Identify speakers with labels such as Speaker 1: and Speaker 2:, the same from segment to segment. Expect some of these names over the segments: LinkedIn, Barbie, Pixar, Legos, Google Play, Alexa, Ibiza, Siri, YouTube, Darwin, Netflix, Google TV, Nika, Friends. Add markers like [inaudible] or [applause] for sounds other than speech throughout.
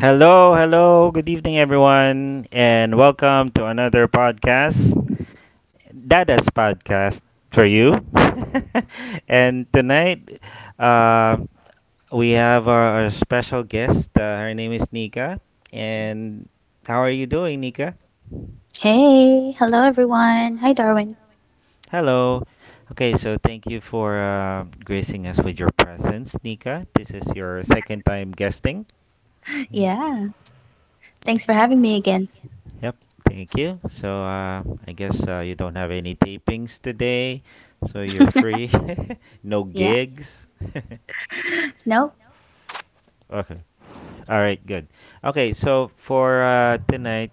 Speaker 1: Hello, hello. Good evening, everyone, and welcome to another podcast, Dada's podcast for you. [laughs] And tonight, uh, we have our special guest. Her name is Nika. And how are you doing, Nika?
Speaker 2: Hey, hello everyone. Hi, Darwin.
Speaker 1: Hello. Okay, so thank you for gracing us with your presence, Nika. This is your second time guesting.
Speaker 2: Yeah, thanks for having me again.
Speaker 1: Yep, thank you. So I guess you don't have any tapings today, so you're free. [laughs] no
Speaker 2: Yeah,
Speaker 1: gigs. [laughs]
Speaker 2: no,
Speaker 1: Okay. All right, good. Okay, so for tonight,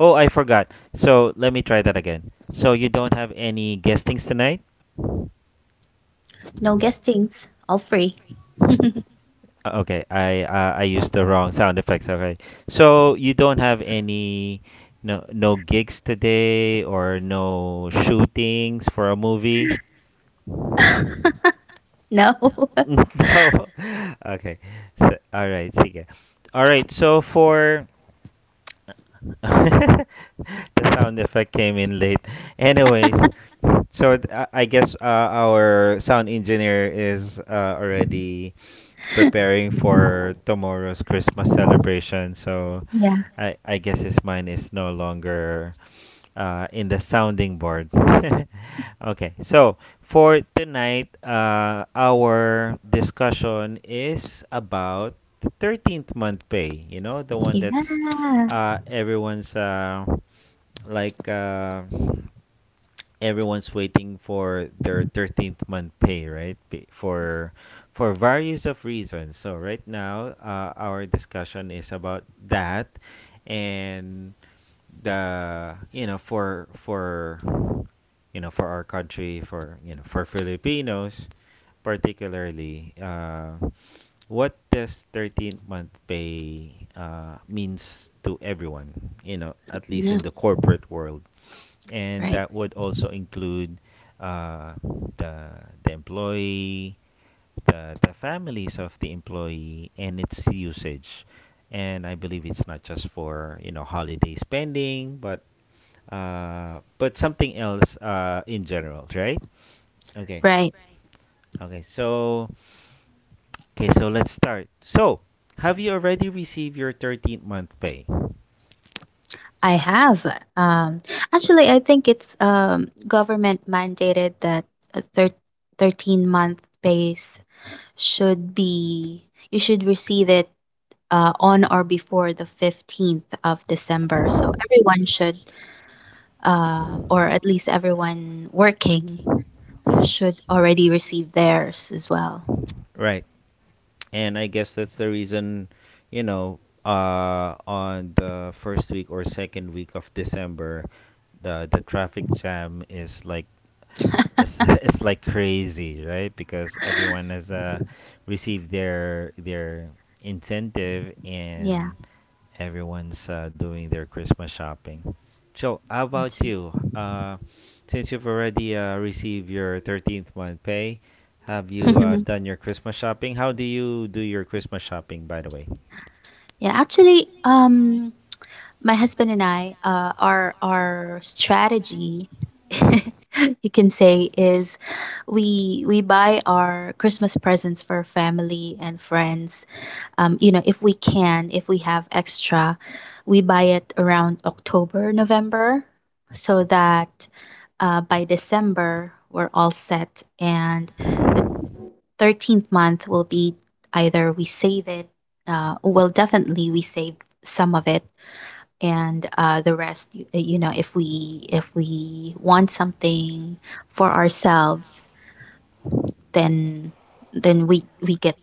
Speaker 1: oh, I forgot. So let me try that again. So you don't have any guestings tonight?
Speaker 2: no guestings, all free.
Speaker 1: Okay, I used the wrong sound effects. Okay, so you don't have any no gigs today, or no shootings for a movie?
Speaker 2: No, [laughs]
Speaker 1: [laughs] No. Okay. So, all right, sige. All right, so for the sound effect came in late. Anyways, so I guess our sound engineer is already preparing for tomorrow's Christmas celebration. So
Speaker 2: yeah,
Speaker 1: I guess his mind is no longer in the sounding board. [laughs] Okay, so for tonight, our discussion is about the 13th month pay, the one that's
Speaker 2: yeah,
Speaker 1: everyone's like. Everyone's waiting for their 13th month pay, right. For various of reasons. So right now, our discussion is about that, and the for for our country, for for Filipinos, particularly, what does 13th month pay means to everyone, at least
Speaker 2: yeah,
Speaker 1: in the corporate world, and
Speaker 2: right,
Speaker 1: that would also include uh, the employee, the families of the employee, and its usage. And I believe it's not just for holiday spending, but but something else, in general, right? Okay,
Speaker 2: right.
Speaker 1: okay. So, okay, so let's start. So, have you already received your 13th month pay?
Speaker 2: I have. Um, Actually, I think it's government mandated that a thir 13-month base should be you should receive it on or before the 15th of December. So everyone should, or at least everyone working
Speaker 1: Hmm.
Speaker 2: should already receive theirs as well.
Speaker 1: Right. And I guess that's the reason, you know, on the first week or second week of December, the traffic jam is like, it's [laughs] like crazy, right? Because everyone has received their incentive,
Speaker 2: Yeah.
Speaker 1: and everyone's doing their Christmas shopping. So, how about
Speaker 2: That's
Speaker 1: you? Since you've already received your 13th month pay, have you
Speaker 2: [laughs]
Speaker 1: done your Christmas shopping? How do you do your Christmas shopping, by the way?
Speaker 2: yeah, actually, my husband and I, our strategy, [laughs] you can say, is we buy our Christmas presents for family and friends, you know, if we can, if we have extra, we buy it around October, November, so that, by December we're all set, and the 13th month will be, either we save it, well, definitely we save some of it, and, the rest, you know, if we want something for ourselves, then we get,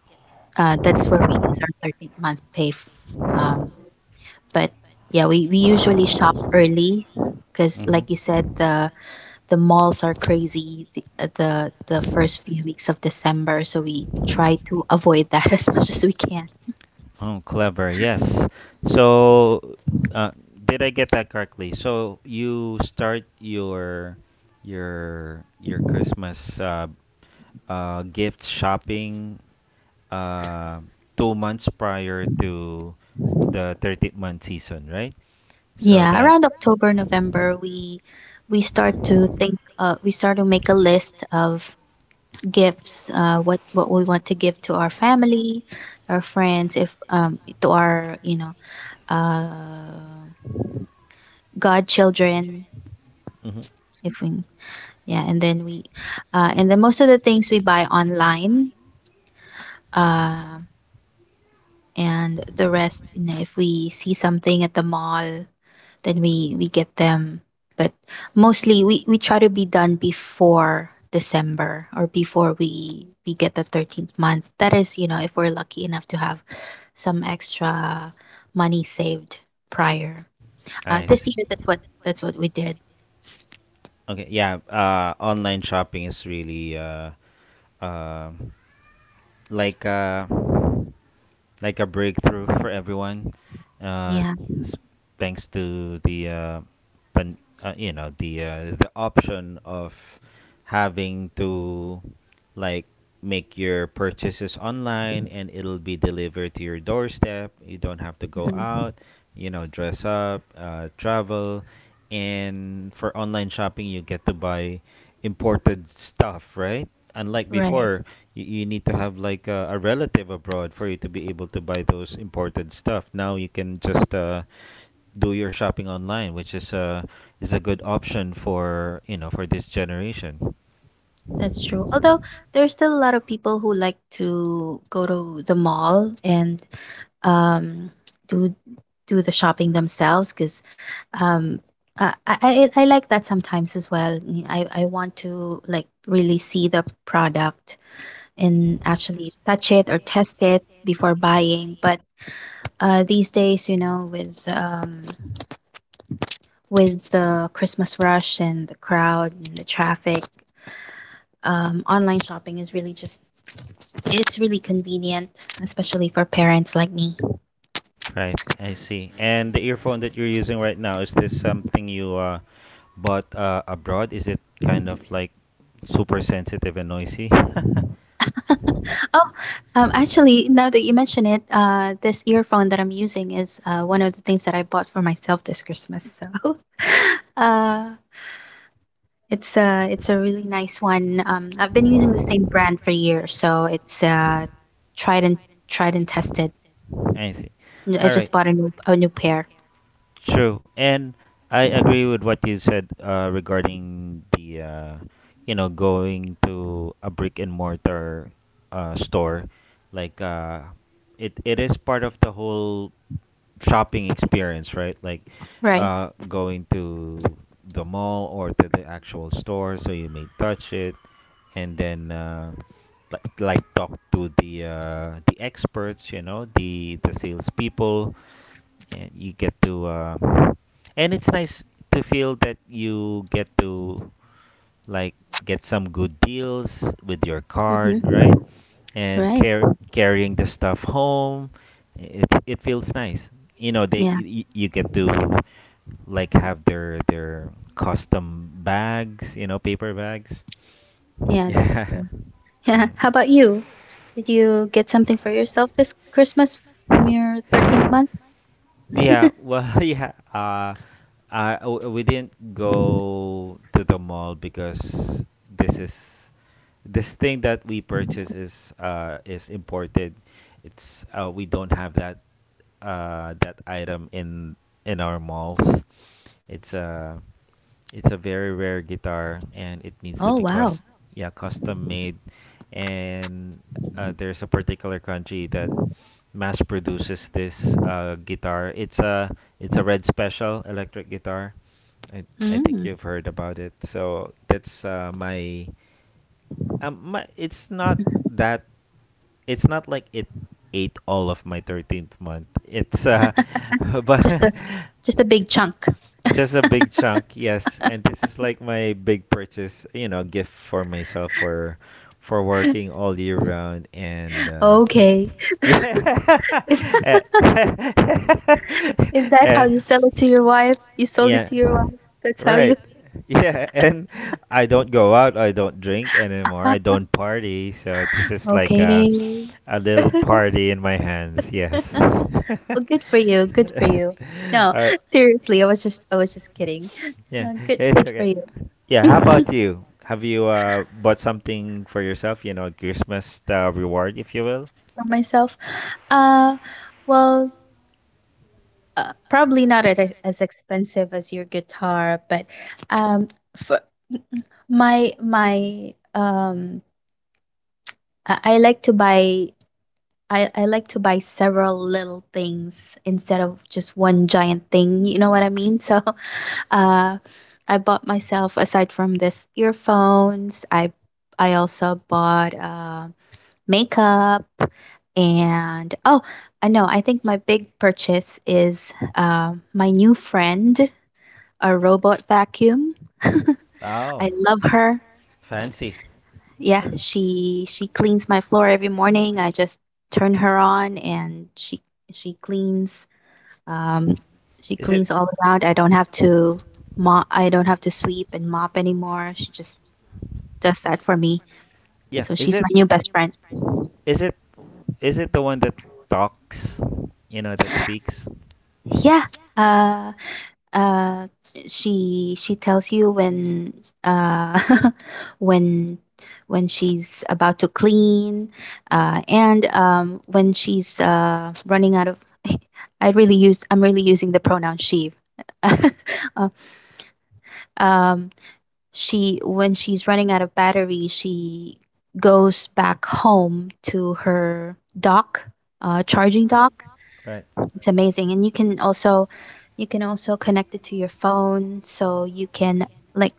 Speaker 2: that's where we use our 13th month pay um, but yeah, we usually shop early because, like you said, the malls are crazy the first few weeks of December so we try to avoid that [laughs] as much as we
Speaker 1: [laughs]
Speaker 2: can.
Speaker 1: Oh, clever. Yes. So, uh, did I get that correctly? So you start your your Christmas gift shopping uh, 2 months prior to the 13th month season, right? So
Speaker 2: Yeah,
Speaker 1: that...
Speaker 2: around October, November, we start to think. We start to make a list of gifts. What we want to give to our family, our friends, if, to our, you know, uh godchildren,
Speaker 1: Mhm.
Speaker 2: if we— yeah, and then and then most of the things we buy online, uh, and the rest, you know, if we see something at the mall, then we get them. But mostly, we try to be done before December or before we get the 13th month. That is, you know, if we're lucky enough to have some extra money saved prior.
Speaker 1: I
Speaker 2: This
Speaker 1: see.
Speaker 2: year, that's what we did.
Speaker 1: Okay, yeah. Online shopping is really uh, like a breakthrough for everyone, uh,
Speaker 2: Yeah.
Speaker 1: s- thanks to the pan, you know the option of having to like make your purchases online, and it'll be delivered to your doorstep. You don't have to go
Speaker 2: Mhm.
Speaker 1: out, dress up, travel, and for online shopping you get to buy imported stuff, right? Unlike
Speaker 2: Right.
Speaker 1: before, you need to have like a relative abroad for you to be able to buy those imported stuff. Now you can just do your shopping online, which is a good option for this generation,
Speaker 2: That's true. Although there's still a lot of people who like to go to the mall and, um, do do the shopping themselves because, um, I, I I like that sometimes as well. Mm, I want to, like, really see the product and actually touch it or test it before buying. But, these days, you know, with, with the Christmas rush and the crowd and the traffic, online shopping is really just— it's really convenient, especially for parents like me.
Speaker 1: right? I see. And the earphone that you're using right now, is this something you bought abroad? Is it kind of like super sensitive and noisy? [laughs]
Speaker 2: Oh, actually, now that you mention it, this earphone that I'm using is, one of the things that I bought for myself this Christmas. So, [laughs] uh, it's a really nice one. I've been using the same brand for years, so it's, tried and tried and tested.
Speaker 1: I see.
Speaker 2: I
Speaker 1: All
Speaker 2: just
Speaker 1: right.
Speaker 2: bought a new pair.
Speaker 1: True, and I agree with what you said regarding the, going to a brick and mortar store. Like, uh, it is part of the whole shopping experience, right? Like,
Speaker 2: Right.
Speaker 1: going to the mall or to the actual store, so you may touch it, and then, like talk to the experts, the salespeople, and you get to, and it's nice to feel that you get to like get some good deals with your card,
Speaker 2: Hmm.
Speaker 1: right? And
Speaker 2: Right.
Speaker 1: carrying the stuff home, it feels nice, they
Speaker 2: Yeah.
Speaker 1: you get to like have their custom bags, paper bags. [laughs]
Speaker 2: Yeah. That's
Speaker 1: Yeah.
Speaker 2: true. [laughs] Yeah.
Speaker 1: Mhm.
Speaker 2: How about you? Did you get something for yourself this Christmas from your 13th month?
Speaker 1: Yeah, well, [laughs] yeah. We didn't go to the mall because this is this thing that we purchase is imported. It's We don't have that that item in our malls. It's uh it's a very rare guitar, and it needs to
Speaker 2: Oh,
Speaker 1: be
Speaker 2: wow.
Speaker 1: cust yeah, custom made, and there's a particular country that mass produces this guitar. It's a red special electric guitar. I think
Speaker 2: Mm.
Speaker 1: you've heard about it. So that's my... it's not like it ate all of my 13th month. It's [laughs]
Speaker 2: Just
Speaker 1: but
Speaker 2: a just a big chunk.
Speaker 1: just a big chunk, yes. And this is like my big purchase, gift for myself for working all year round, and yeah. [laughs]
Speaker 2: Okay.
Speaker 1: Yeah.
Speaker 2: Is
Speaker 1: [laughs]
Speaker 2: [laughs]
Speaker 1: Eh. [laughs]
Speaker 2: is that how
Speaker 1: And
Speaker 2: you sell it to your wife? You sold it
Speaker 1: yeah.
Speaker 2: to your
Speaker 1: Your
Speaker 2: wife. That's how you—
Speaker 1: right. Yeah, and I don't go out. I don't drink anymore. I don't party. So this
Speaker 2: [laughs]
Speaker 1: is like
Speaker 2: okay.
Speaker 1: a little party in my hands. Yes. [laughs] All
Speaker 2: Well, good for you. Good for you. No,
Speaker 1: right.
Speaker 2: [laughs] seriously, I was just kidding.
Speaker 1: Yeah, it's
Speaker 2: Good for
Speaker 1: okay.
Speaker 2: you.
Speaker 1: Yeah, how
Speaker 2: [laughs]
Speaker 1: about you? Have you bought something for yourself? Christmas reward, if you will.
Speaker 2: For myself. Uh well, probably not at— as expensive as your guitar, but, um, for my, I like to buy— I like to buy several little things instead of just one giant thing. You know what I mean? So, [laughs] uh, I bought myself, aside from this earphones. I also bought, makeup and, oh, I know. I think my big purchase is, my new friend, a robot vacuum. [laughs] I
Speaker 1: Oh,
Speaker 2: love her.
Speaker 1: fancy.
Speaker 2: Yeah,
Speaker 1: [laughs]
Speaker 2: she cleans my floor every morning. I just turn her on and she cleans, um she
Speaker 1: Is
Speaker 2: cleans
Speaker 1: it?
Speaker 2: all around. I don't have to mop I don't have to sweep and mop anymore. She just does that for me.
Speaker 1: Yeah,
Speaker 2: So she's my new best friend.
Speaker 1: is it is it the one that talks? You know, that speaks.
Speaker 2: Yeah. Uh uh she tells you when, uh [laughs] when she's about to clean, and, when she's, running out of— [laughs] I really use I'm really using the pronoun "she". [laughs] Uh, um she when she's running out of battery, she goes back home to her dock, charging dock.
Speaker 1: Right.
Speaker 2: It's amazing. And you can also— you can also connect it to your phone so you can, like,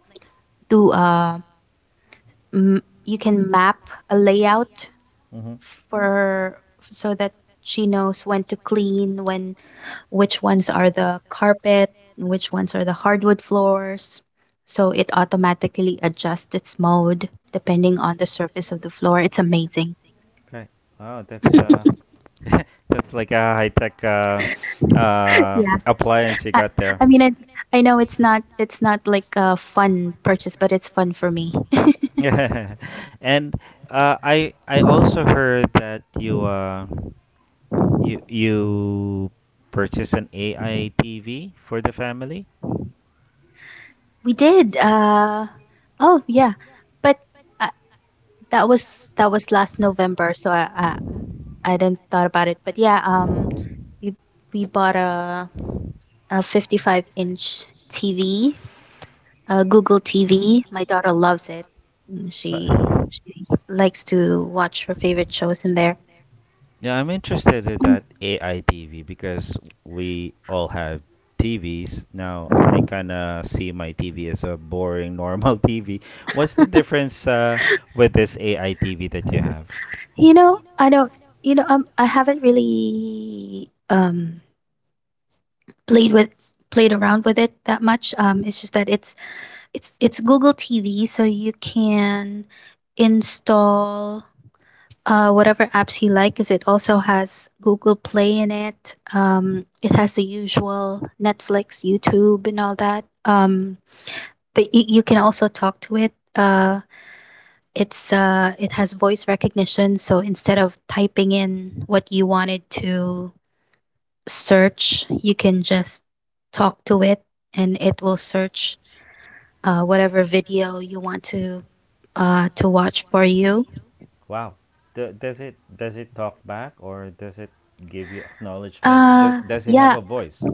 Speaker 2: do a you can map a layout
Speaker 1: Mm-hmm.
Speaker 2: for, so that she knows when to clean, when which ones are the carpet, which ones are the hardwood floors. So it automatically adjusts its mode depending on the surface of the floor. It's amazing.
Speaker 1: Right. Wow, that's [laughs] that's like a high tech
Speaker 2: [laughs] Yeah.
Speaker 1: appliance you
Speaker 2: I,
Speaker 1: got there.
Speaker 2: I mean, it, I know it's not— it's not like a fun purchase, but it's fun for me.
Speaker 1: [laughs] And I also heard that you you purchased an AI TV for the family.
Speaker 2: We did. Oh yeah, but, uh, that was last November, so I didn't thought about it. But yeah, we bought a 55 inch TV, a Google TV. My daughter loves it. Mm, she
Speaker 1: What?
Speaker 2: likes to watch her favorite shows in there.
Speaker 1: Yeah, I'm interested in
Speaker 2: Mm.
Speaker 1: that AI TV because we all have TVs. Now I kind of see my TV as a boring normal [laughs] TV. What's the difference, with this AI TV that you have?
Speaker 2: You know, I don't. You know, I haven't really, played with played around with it that much. It's just that it's Google TV, so you can install, whatever apps you like, because it also has Google Play in it. It has the usual Netflix, YouTube, and all that. But you can also talk to it. It's, it has voice recognition, so instead of typing in what you wanted to search, you can just talk to it, and it will search, whatever video you want to, to watch for you.
Speaker 1: Wow. Do, does it talk back, or does it give you acknowledgement? Does it have
Speaker 2: Yeah,
Speaker 1: a voice?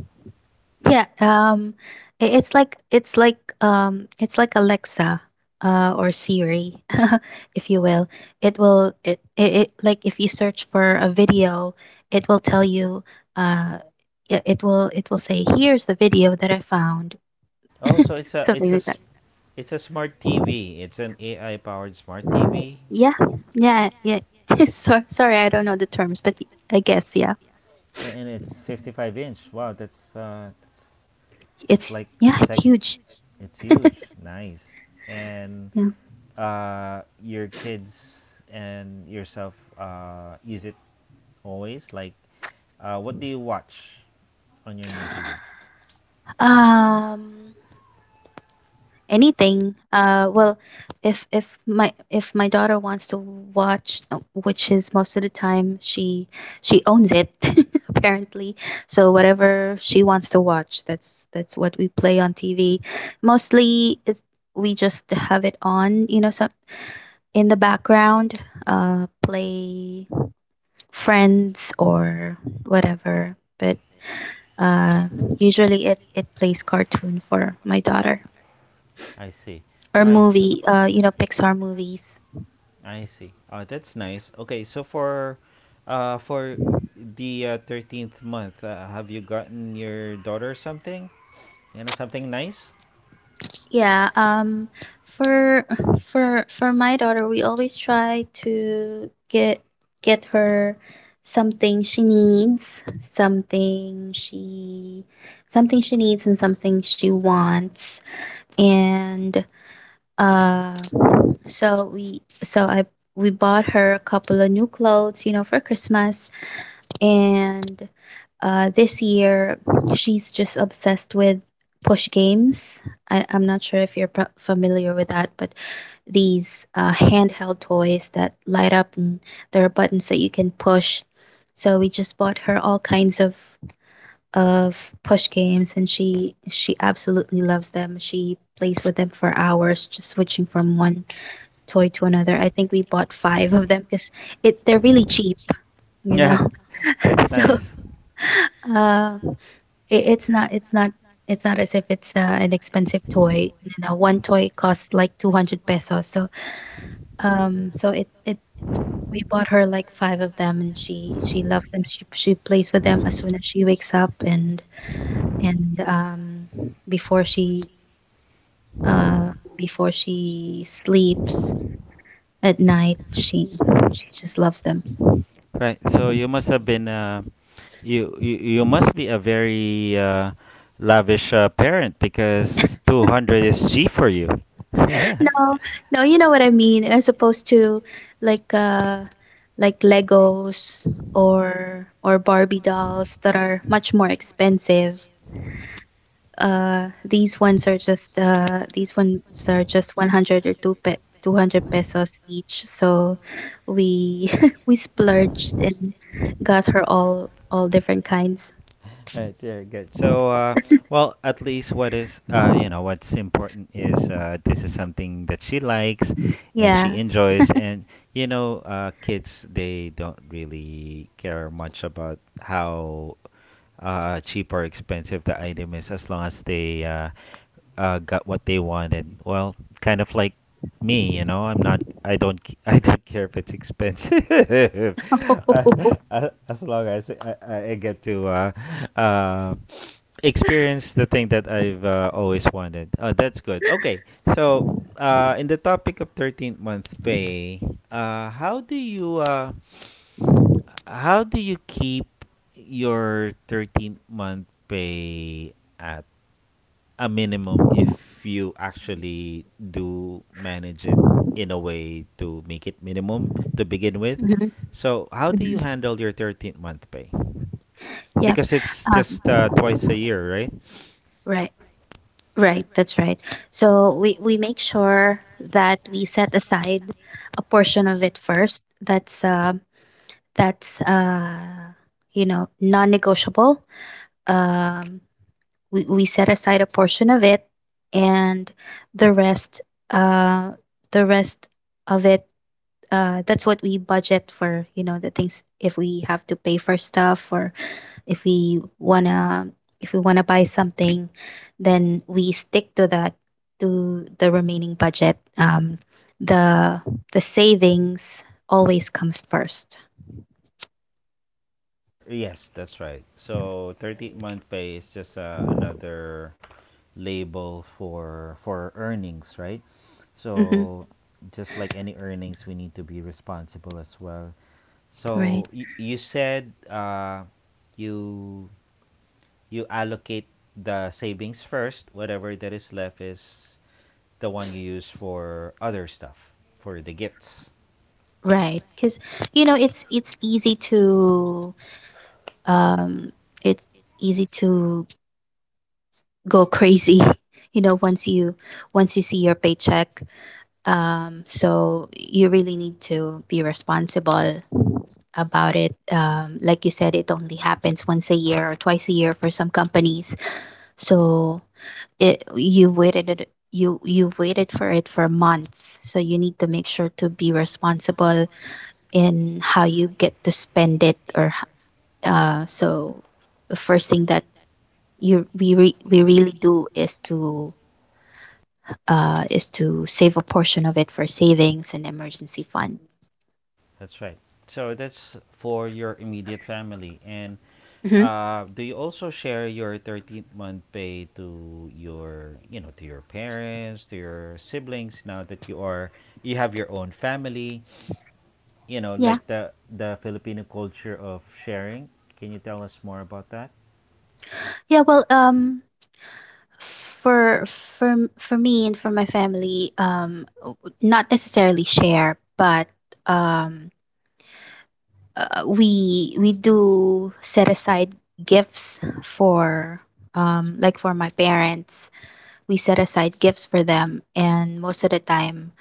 Speaker 2: yeah. It's like— it's like Alexa, or Siri, [laughs] if you will. It it, like, if you search for a video, it will tell you. Uh, it will say, here's the video that I found.
Speaker 1: Oh, so it's
Speaker 2: Something like that.
Speaker 1: a smart TV. It's an AI powered smart TV.
Speaker 2: Yeah, yeah. [laughs] So, sorry, I don't know the terms, but I guess,
Speaker 1: Yeah, and it's 55 inch. Wow, that's like
Speaker 2: yeah, it's
Speaker 1: sec.
Speaker 2: huge.
Speaker 1: It's huge. [laughs] Nice. And
Speaker 2: Yeah.
Speaker 1: your kids and yourself use it always. Like, what do you watch on your new TV?
Speaker 2: Um, Anything. Well, if if my daughter wants to watch, which is most of the time, she owns it [laughs] apparently. So whatever she wants to watch, that's what we play on TV. Mostly, we just have it on, you know, some— in the background. Play Friends or whatever, but, uh usually it plays cartoon for my daughter,
Speaker 1: I see.
Speaker 2: or
Speaker 1: All right. So,
Speaker 2: movie, you know, Pixar movies.
Speaker 1: I see. Oh, that's nice. Okay, so for uh for the 13th month, have you gotten your daughter something? You know, something nice?
Speaker 2: Yeah, for for my daughter, we always try to get her something she needs, something she needs and something she wants. And, uh so we so I we bought her a couple of new clothes, you know, for Christmas. And, this year she's just obsessed with push games. I'm not sure if you're familiar with that, but these, handheld toys that light up and there are buttons that you can push. So we just bought her all kinds of push games, and she absolutely loves them. She plays with them for hours, just switching from one toy to another. I think we bought five of them because it they're really cheap, you
Speaker 1: Yeah,
Speaker 2: know. [laughs]
Speaker 1: it's
Speaker 2: So,
Speaker 1: nice.
Speaker 2: uh, it, it's not it's not it's not as if it's, an expensive toy. You know, one toy costs like 200 pesos. So, it— we bought her like five of them and she loved them. She plays with them as soon as she wakes up and, and um before she, uh before she sleeps at night, she just loves them.
Speaker 1: Right. So you must have been you you, you must be a very, lavish, parent because 200 is cheap for you. [laughs] Yeah.
Speaker 2: No, no, you know what I mean, as opposed to, like, uh, like Legos or Barbie dolls that are much more expensive. These ones are just, these ones are just 100 or two pe 200 pesos each. So we [laughs] we splurged
Speaker 1: [laughs]
Speaker 2: and got her all different kinds.
Speaker 1: Right, very good. So, well, at least what's important is, this is something that she likes and she
Speaker 2: Yeah.
Speaker 1: enjoys. And, kids, they don't really care much about how, cheap or expensive the item is, as long as they got what they wanted. Well, kind of like me. I'm not. I don't. [laughs] I don't care if it's expensive, [laughs] as,
Speaker 2: [laughs]
Speaker 1: as long as I get to uh, experience the thing that I've always wanted. Oh, that's good. Okay, so in the topic of 13th month pay, uh, how do you uh, how do you keep your 13th month pay at a minimum if you actually do manage it in a way to make it minimum to begin with?
Speaker 2: Mhm,
Speaker 1: So, how do
Speaker 2: mhm.
Speaker 1: you handle your 13th month pay?
Speaker 2: Yep.
Speaker 1: Because it's just
Speaker 2: Um,
Speaker 1: twice a year, right?
Speaker 2: right. Right, that's right. So we make sure that we set aside a portion of it first. That's, that's uh, you know, non-negotiable. Um, we set aside a portion of it, and the rest, uh, the rest of it, that's what we budget for. You know, the things, if we have to pay for stuff or if we wanna— if we wanna buy something, then we stick to that, to the remaining budget. The the savings always comes first.
Speaker 1: Yes, that's right. So, 13th month pay is just another label for earnings, right?
Speaker 2: Mm-hmm.
Speaker 1: So, just like any earnings, we need to be responsible as well.
Speaker 2: right
Speaker 1: So, you said, you you allocate the savings first. Whatever that is left is the one you use for other stuff, for the gifts.
Speaker 2: right, because, you know, it's um it's easy to go crazy [laughs] you know, once you— once you see your paycheck. So you really need to be responsible about it. Like you said, it only happens once a year or twice a year for some companies. So it you waited it- you you've waited for it for months. So you need to make sure to be responsible in how you get to spend it. So the first thing that we really do is to save a portion of it for savings and emergency fund.
Speaker 1: That's right. So that's for your immediate family. And
Speaker 2: Mhm.
Speaker 1: do you also share your 13th month pay to your parents, to your siblings, now that you have your own family,
Speaker 2: Yeah.
Speaker 1: like the Filipino culture of sharing? Can you tell us more about that?
Speaker 2: Yeah, well, for for for me and for my family, not necessarily share, but um we do set aside gifts for, like for my parents. We set aside gifts for them, and most of the time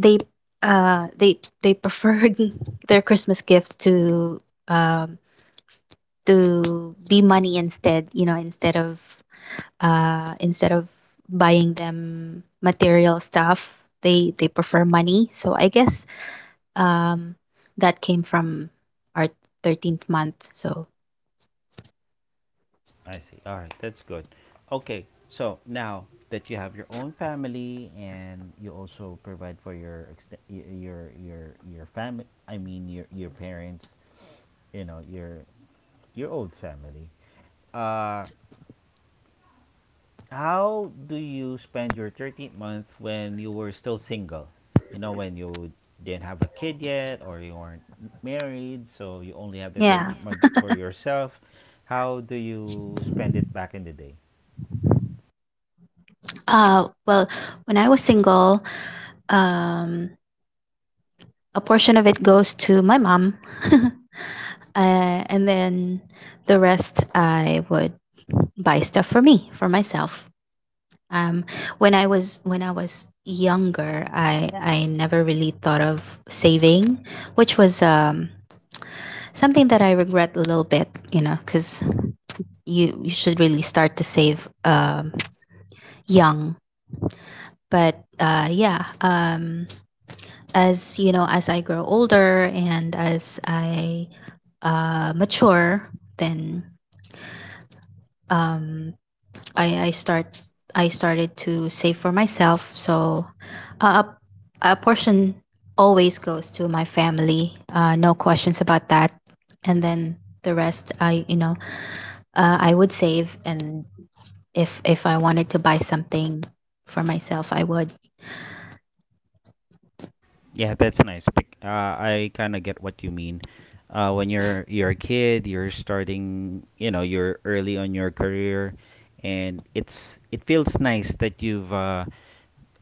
Speaker 2: they prefer [laughs] their Christmas gifts um to be money instead, you know, instead of uh, instead of buying them material stuff. They prefer money, so I guess um that came from our 13th month. So
Speaker 1: I see. All right, that's good. Okay, so now that you have your own family, and you also provide for your your family, I mean your parents, your old family. Uh, how do you spend your 13th month when you were still single? You know, when you didn't have a kid yet, or you weren't married, so you only have the
Speaker 2: yeah,
Speaker 1: 13th month for yourself. How do you spend it back in the day?
Speaker 2: uh well when I was single, um a portion of it goes to my mom. [laughs] uh, and then the rest I would buy stuff for me for myself. Um, when I was younger, I never really thought of saving, which was something that I regret a little bit, you know, because you should really start to save young. But yeah, as you know, as I grow older and as I mature, then, um, I I start I started to save for myself. So uh, a a portion always goes to my family. No questions about that. And then the rest, I, you know, I would save. And if I wanted to buy something for myself, I would.
Speaker 1: Yeah, that's nice. I kind of get what you mean. When you're a kid, you're starting, you know, you're early on your career, and it feels nice that you've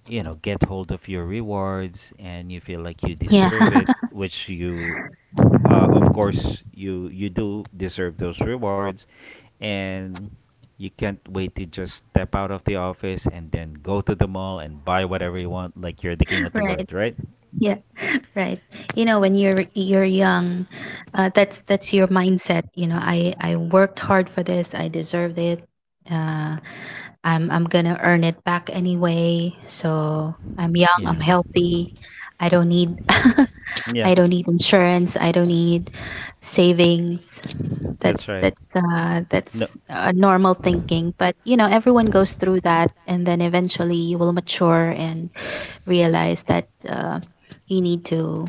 Speaker 1: you know get hold of your rewards and you feel like you
Speaker 2: Yeah.
Speaker 1: deserve
Speaker 2: [laughs]
Speaker 1: it, which you of course you do deserve those rewards, and you can't wait to just step out of the office and then go to the mall and buy whatever you want, like you're the king of the
Speaker 2: Right.
Speaker 1: world, right?
Speaker 2: Yeah. Right. You know, when you're young, that's your mindset. You know, I worked hard for this. I deserved it. Uh, I'm gonna earn it back anyway. So I'm young, I'm healthy. I don't need [laughs] I don't need
Speaker 1: [laughs]
Speaker 2: insurance. I don't need savings. That's a normal thinking. But you know, everyone goes through that, and then eventually you will mature and realize that you need to,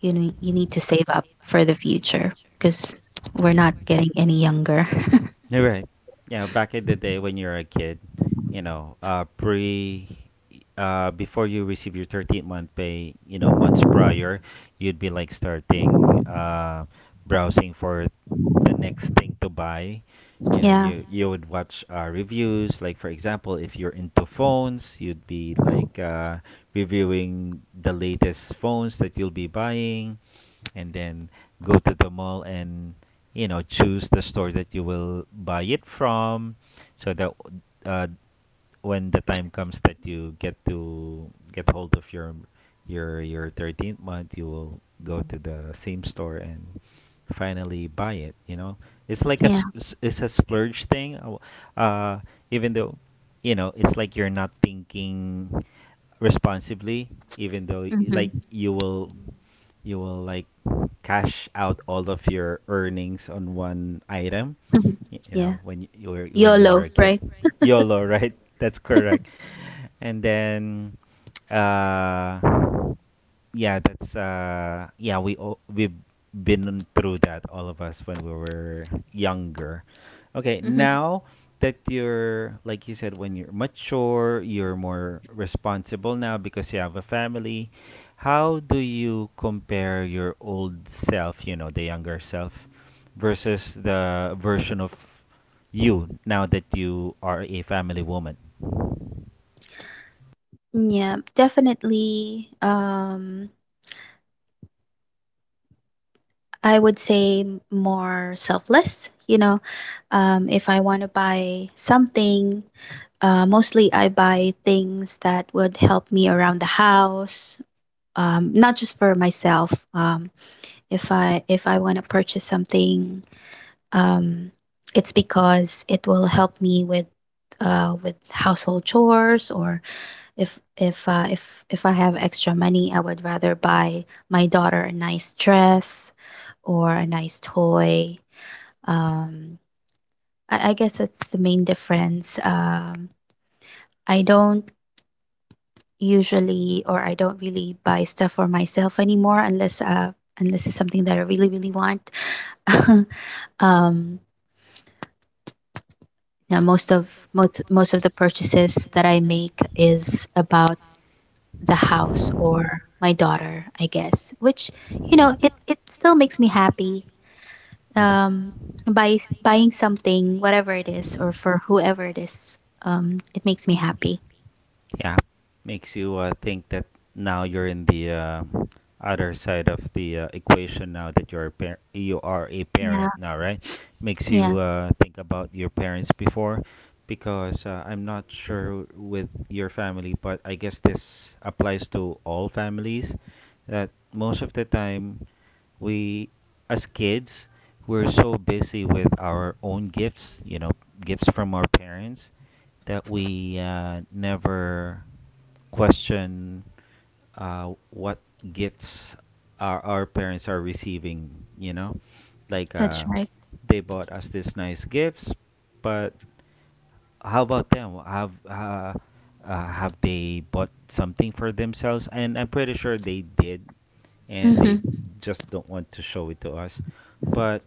Speaker 2: you know, you need to save up for the future because we're not getting any younger.
Speaker 1: [laughs] You're right. Yeah, back in the day when you're a kid, you know, before you receive your 13th month pay, you know, months prior, you'd be like starting, browsing for the next thing to buy. You know,
Speaker 2: [laughs] Yeah,
Speaker 1: you would watch reviews, like, for example, if you're into phones, you'd be like, reviewing the latest phones that you'll be buying, and then go to the mall and, you know, choose the store that you will buy it from, so that uh, when the time comes that you get to get hold of your your 13th month, you will go to the same store and finally buy it, you know. it's like a
Speaker 2: yeah.
Speaker 1: s- s- it's a splurge thing. Uh, uh even though, you know, it's like you're not thinking responsibly, even though, like
Speaker 2: hmm
Speaker 1: you will like cash out all of your earnings on one item,
Speaker 2: hmm
Speaker 1: you
Speaker 2: yeah.
Speaker 1: know, when you were
Speaker 2: YOLO,
Speaker 1: a kid.
Speaker 2: right?
Speaker 1: YOLO, right? [laughs] That's correct. And then uh yeah, that's yeah, we've been through that, all of us, when we were younger. Okay,
Speaker 2: [laughs]
Speaker 1: now that you're, like you said, when you're mature, you're more responsible now because you have a family. How do you compare your old self, you know, the younger self versus the version of you now that you are a family woman?
Speaker 2: Yeah, definitely. I would say more selfless. You know, if I want to buy something, mostly I buy things that would help me around the house. Not just for myself. If I want to purchase something, um, it's because it will help me with household chores. Or if, if I have extra money, I would rather buy my daughter a nice dress or a nice toy. Um, I guess that's the main difference. I don't usually, or I don't really buy stuff for myself anymore unless, unless it's something that I really really want. [laughs] Um, now most of the purchases that I make is about the house or my daughter, I guess. Which, you know, it still makes me happy.
Speaker 1: Mhm.
Speaker 2: Um by buying something, whatever it is, or for whoever it is, it makes me happy.
Speaker 1: Yeah, makes you think that now you're in the other side of the equation, now that you're you are a
Speaker 2: Yeah,
Speaker 1: parent now, right? Makes
Speaker 2: yeah,
Speaker 1: you think about your parents before, because I'm not sure with your family, but I guess this applies to all families, that most of the time we, as kids, we're so busy with our own gifts, you know, gifts from our parents, that we never question what gifts our parents are receiving, you know? Like,
Speaker 2: that's right.
Speaker 1: they bought us these nice gifts, but how about them? Have they bought something for themselves? And I'm pretty sure they did, and they
Speaker 2: Mm-hmm.
Speaker 1: just don't want to show it to us. But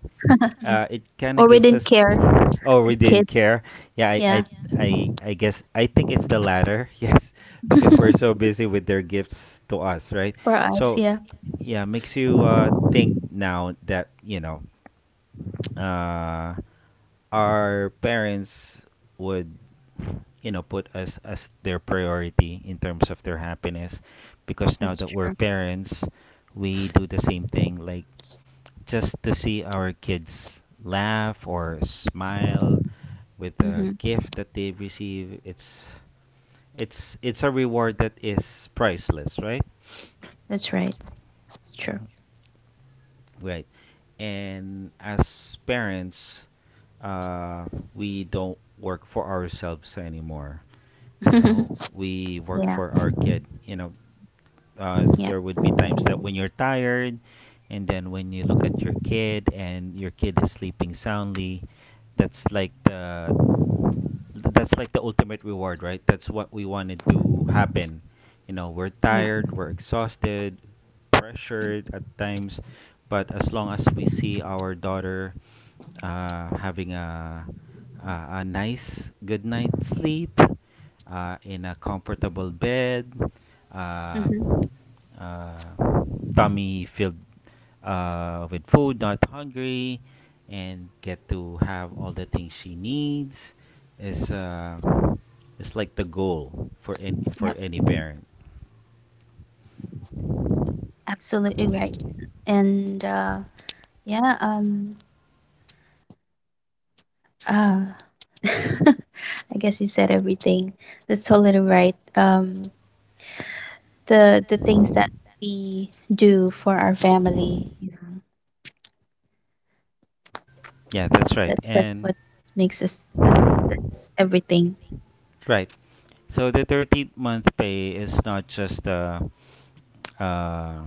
Speaker 2: Yeah.
Speaker 1: it kind of
Speaker 2: Or we
Speaker 1: gives
Speaker 2: didn't
Speaker 1: us.
Speaker 2: care,
Speaker 1: Oh,
Speaker 2: the
Speaker 1: we
Speaker 2: kid.
Speaker 1: didn't care. Yeah,
Speaker 2: Yeah.
Speaker 1: i I guess I think it's the latter. [laughs] Yes, because we're
Speaker 2: [laughs]
Speaker 1: so busy with their gifts to us, right?
Speaker 2: For us,
Speaker 1: So
Speaker 2: yeah.
Speaker 1: yeah, makes you think now that, you know, uh, our parents would, you know, put us as their priority in terms of their happiness, because now
Speaker 2: That's
Speaker 1: that we're
Speaker 2: true.
Speaker 1: parents, we do the same thing, like, just to see our kids laugh or smile with a
Speaker 2: Mm-hmm.
Speaker 1: gift that they've received. It's a reward that is priceless, right?
Speaker 2: That's right. That's true.
Speaker 1: Hmm. Right. And as parents, uh, we don't work for ourselves anymore, you know,
Speaker 2: [laughs]
Speaker 1: we work
Speaker 2: Yeah.
Speaker 1: for our kid, you know. uh,
Speaker 2: Yeah.
Speaker 1: there would be times that when you're tired, and then when you look at your kid and your kid is sleeping soundly, that's like the that's like the ultimate reward, right? That's what we wanted to happen. You know, we're
Speaker 2: Yeah.
Speaker 1: tired, we're exhausted, pressured at times, but as long as we see our daughter, having a a nice good night sleep, in a comfortable bed, uh,
Speaker 2: Mm-hmm.
Speaker 1: uh, tummy filled, with food, not hungry, and get to have all the things she needs is, is like the goal for
Speaker 2: Yep.
Speaker 1: any parent.
Speaker 2: Absolutely right. And yeah. Ah, [laughs] I guess you said everything. That's totally right. The things that we do for our family, you know,
Speaker 1: Yeah, that's right.
Speaker 2: that's
Speaker 1: And,
Speaker 2: what makes us. That's everything.
Speaker 1: right, so the 13th month pay is not just uh,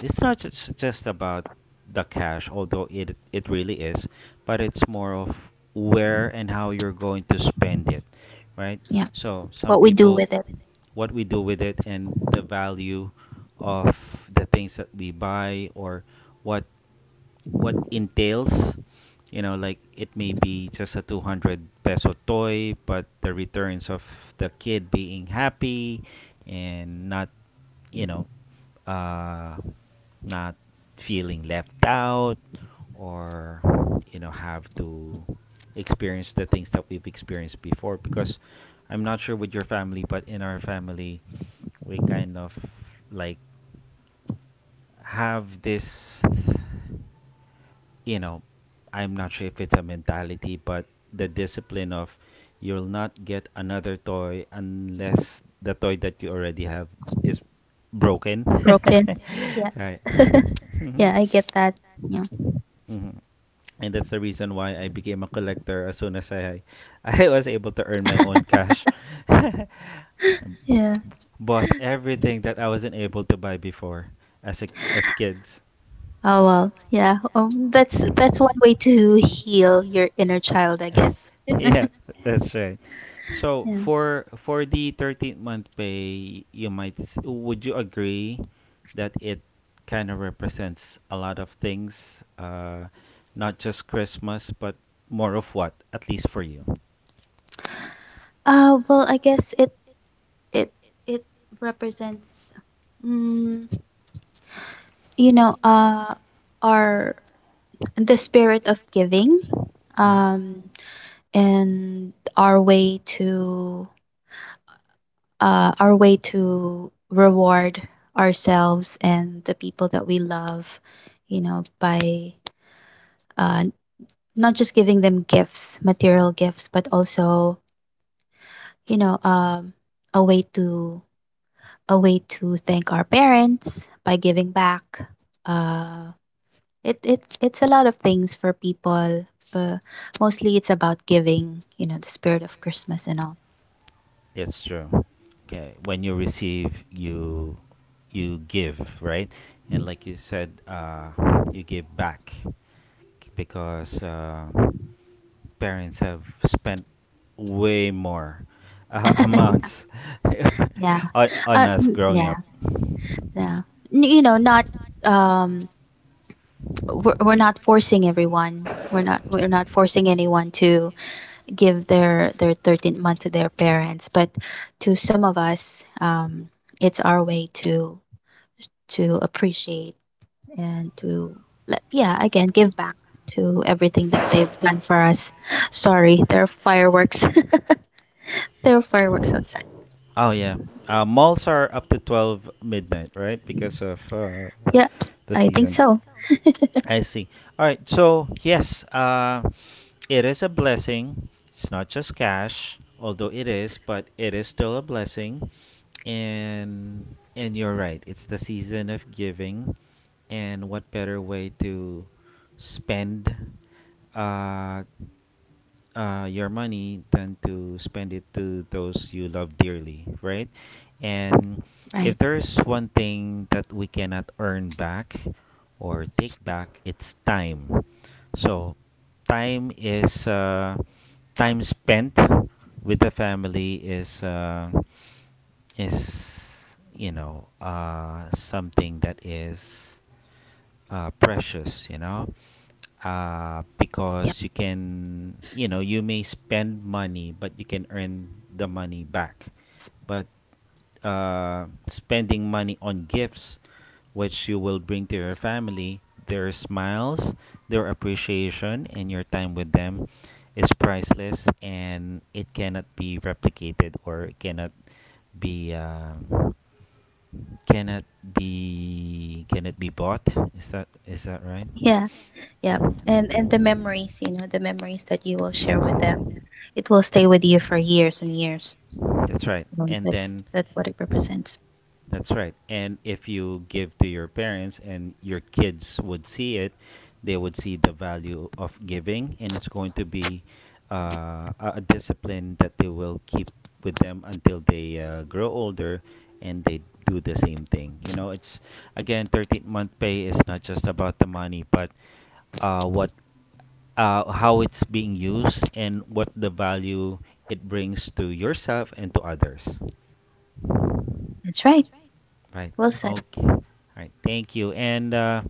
Speaker 1: it's not just about the cash, although it really is, but it's more of where and how you're going to spend it, right?
Speaker 2: Yeah,
Speaker 1: So some
Speaker 2: what we do
Speaker 1: people,
Speaker 2: with it.
Speaker 1: what we do with it, and the value of the things that we buy or what what entails, you know, like it may be just a 200 peso toy, but the returns of the kid being happy and not, you know, uh, not feeling left out, or, you know, have to experience the things that we've experienced before, because I'm not sure with your family, but in our family we kind of, like, have this, you know, I'm not sure if it's a mentality, but the discipline of, you'll not get another toy unless the toy that you already have is broken. [laughs]
Speaker 2: Broken. Yeah,
Speaker 1: Right.
Speaker 2: [laughs]
Speaker 1: Hmm.
Speaker 2: yeah, I get that. Yeah.
Speaker 1: Hmm. And that's the reason why I became a collector as soon as I [laughs] I was able to earn my own cash. [laughs] I
Speaker 2: Yeah.
Speaker 1: bought everything that I wasn't able to buy before, as kids.
Speaker 2: Oh well. Yeah. That's one way to heal your inner child, I
Speaker 1: [laughs]
Speaker 2: guess.
Speaker 1: Yeah, [laughs] that's right. So
Speaker 2: Yeah.
Speaker 1: for the 13th month pay, you might would you agree that it kind of represents a lot of things, not just Christmas, but more of what, at least for you.
Speaker 2: Well, I guess it it represents, mm, you know, our, the spirit of giving,
Speaker 1: Hmm.
Speaker 2: um and our way to, our way to reward ourselves and the people that we love, you know, by uh not just giving them gifts, material gifts, but also, you know, a way to, a way to thank our parents by giving back. uh it's a lot of things for people, but mostly it's about giving, you know, the spirit of Christmas and all.
Speaker 1: It's true. Okay, when you receive, you give, right? And like you said, you give back, because parents have spent way more [laughs]
Speaker 2: [laughs]
Speaker 1: amounts
Speaker 2: Yeah.
Speaker 1: [laughs] on us growing
Speaker 2: Yeah,
Speaker 1: up.
Speaker 2: yeah. You know, not um we're not forcing everyone. We're not forcing anyone to give their 13th month to their parents, but to some of us, um, it's our way to appreciate and to, let, yeah, again, give back to everything that they've done for us. Sorry, there are fireworks. [laughs] There are fireworks outside.
Speaker 1: Oh yeah, malls are up to 12 midnight, right? Because of
Speaker 2: Yep.
Speaker 1: the
Speaker 2: I think
Speaker 1: season.
Speaker 2: so.
Speaker 1: I see. All right. So yes, it is a blessing. It's not just cash, although it is, but it is still a blessing. And and you're right. It's the season of giving. And what better way to spend uh, your money than to spend it to those you love dearly, right? And if
Speaker 2: Right.
Speaker 1: there's one thing that we cannot earn back or take back, it's time. So, time is uh, time spent with the family is, is, you know, something that is, precious, you know,
Speaker 2: Yep.
Speaker 1: because you can, you know, you may spend money but you can earn the money back, but spending money on gifts which you will bring to your family, their smiles, their appreciation, and your time with them is priceless, and it cannot be replicated, or it be um, cannot cannot be bought. Is that right?
Speaker 2: Yeah. Yep, and the memories, you know, the memories that you will share with them, it will stay with you for years and years.
Speaker 1: That's right.
Speaker 2: You,
Speaker 1: And then.
Speaker 2: that's what it represents.
Speaker 1: That's right. And if you give to your parents and your kids would see it, they would see the value of giving, and it's going to be a discipline that they will keep with them until they grow older, and they do the same thing. You know, it's again, 13th month pay is not just about the money, but what how it's being used and what the value it brings to yourself and to others,
Speaker 2: That's right.
Speaker 1: right?
Speaker 2: Well said.
Speaker 1: Okay, all right, thank you. And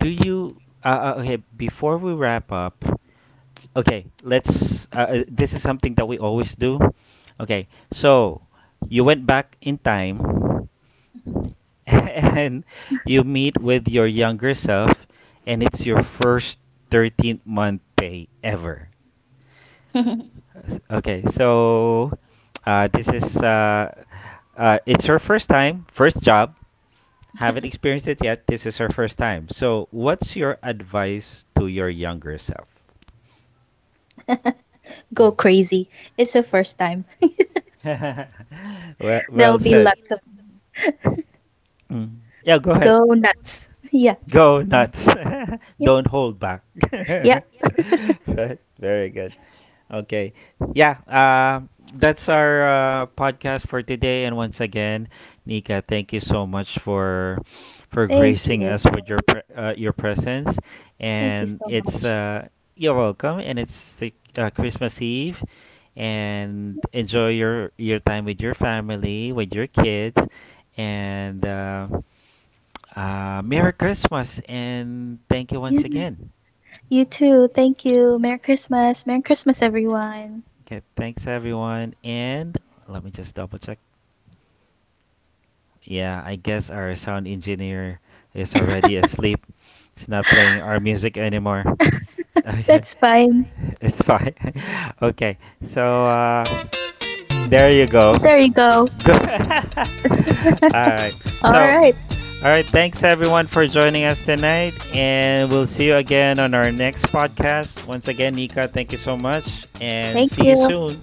Speaker 1: do you okay, before we wrap up. Okay, let's this is something that we always do. Okay, so you went back in time [laughs] and you meet with your younger self, and it's your first 13th month pay ever.
Speaker 2: [laughs]
Speaker 1: Okay, so this is it's her first time, first job. Haven't experienced it yet. This is her first time. So, what's your advice to your younger self?
Speaker 2: Go crazy. It's the first time.
Speaker 1: [laughs] Well,
Speaker 2: There'll
Speaker 1: well
Speaker 2: be
Speaker 1: said.
Speaker 2: lots of.
Speaker 1: Mm. Yeah, go
Speaker 2: Go
Speaker 1: ahead.
Speaker 2: nuts. [laughs] Yeah.
Speaker 1: Go
Speaker 2: Um,
Speaker 1: nuts. [laughs]
Speaker 2: yeah,
Speaker 1: Don't hold back. [laughs]
Speaker 2: yeah.
Speaker 1: Right? Very good. Okay. Yeah. That's our podcast for today. And once again, Nika, thank you so much for
Speaker 2: Thank
Speaker 1: gracing
Speaker 2: you.
Speaker 1: us with your your presence.
Speaker 2: Thank you
Speaker 1: And
Speaker 2: so
Speaker 1: it's,
Speaker 2: much.
Speaker 1: you're welcome. And it's the, Christmas Eve, and enjoy your time with your family, with your kids, and Merry Christmas, and thank you
Speaker 2: Yeah,
Speaker 1: once again.
Speaker 2: you too. Thank you. Merry Christmas. Merry Christmas, everyone.
Speaker 1: Okay, thanks everyone. And let me just double check. Yeah, I guess our sound engineer is already asleep. He's not playing our music anymore. Okay,
Speaker 2: That's fine.
Speaker 1: [laughs] it's fine. [laughs] Okay, so. There you go.
Speaker 2: There you go.
Speaker 1: Go. [laughs] All right.
Speaker 2: All
Speaker 1: So, all
Speaker 2: right.
Speaker 1: right. Right. Thanks everyone for joining us tonight, and we'll see you again on our next podcast. Once again, Nika, thank you so much, and
Speaker 2: Thank
Speaker 1: see you
Speaker 2: you.
Speaker 1: soon.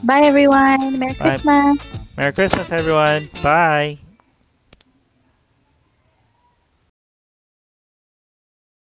Speaker 2: Bye,
Speaker 1: Bye,
Speaker 2: everyone.
Speaker 1: everyone.
Speaker 2: Merry
Speaker 1: Bye.
Speaker 2: Christmas.
Speaker 1: Merry Christmas, everyone. Bye.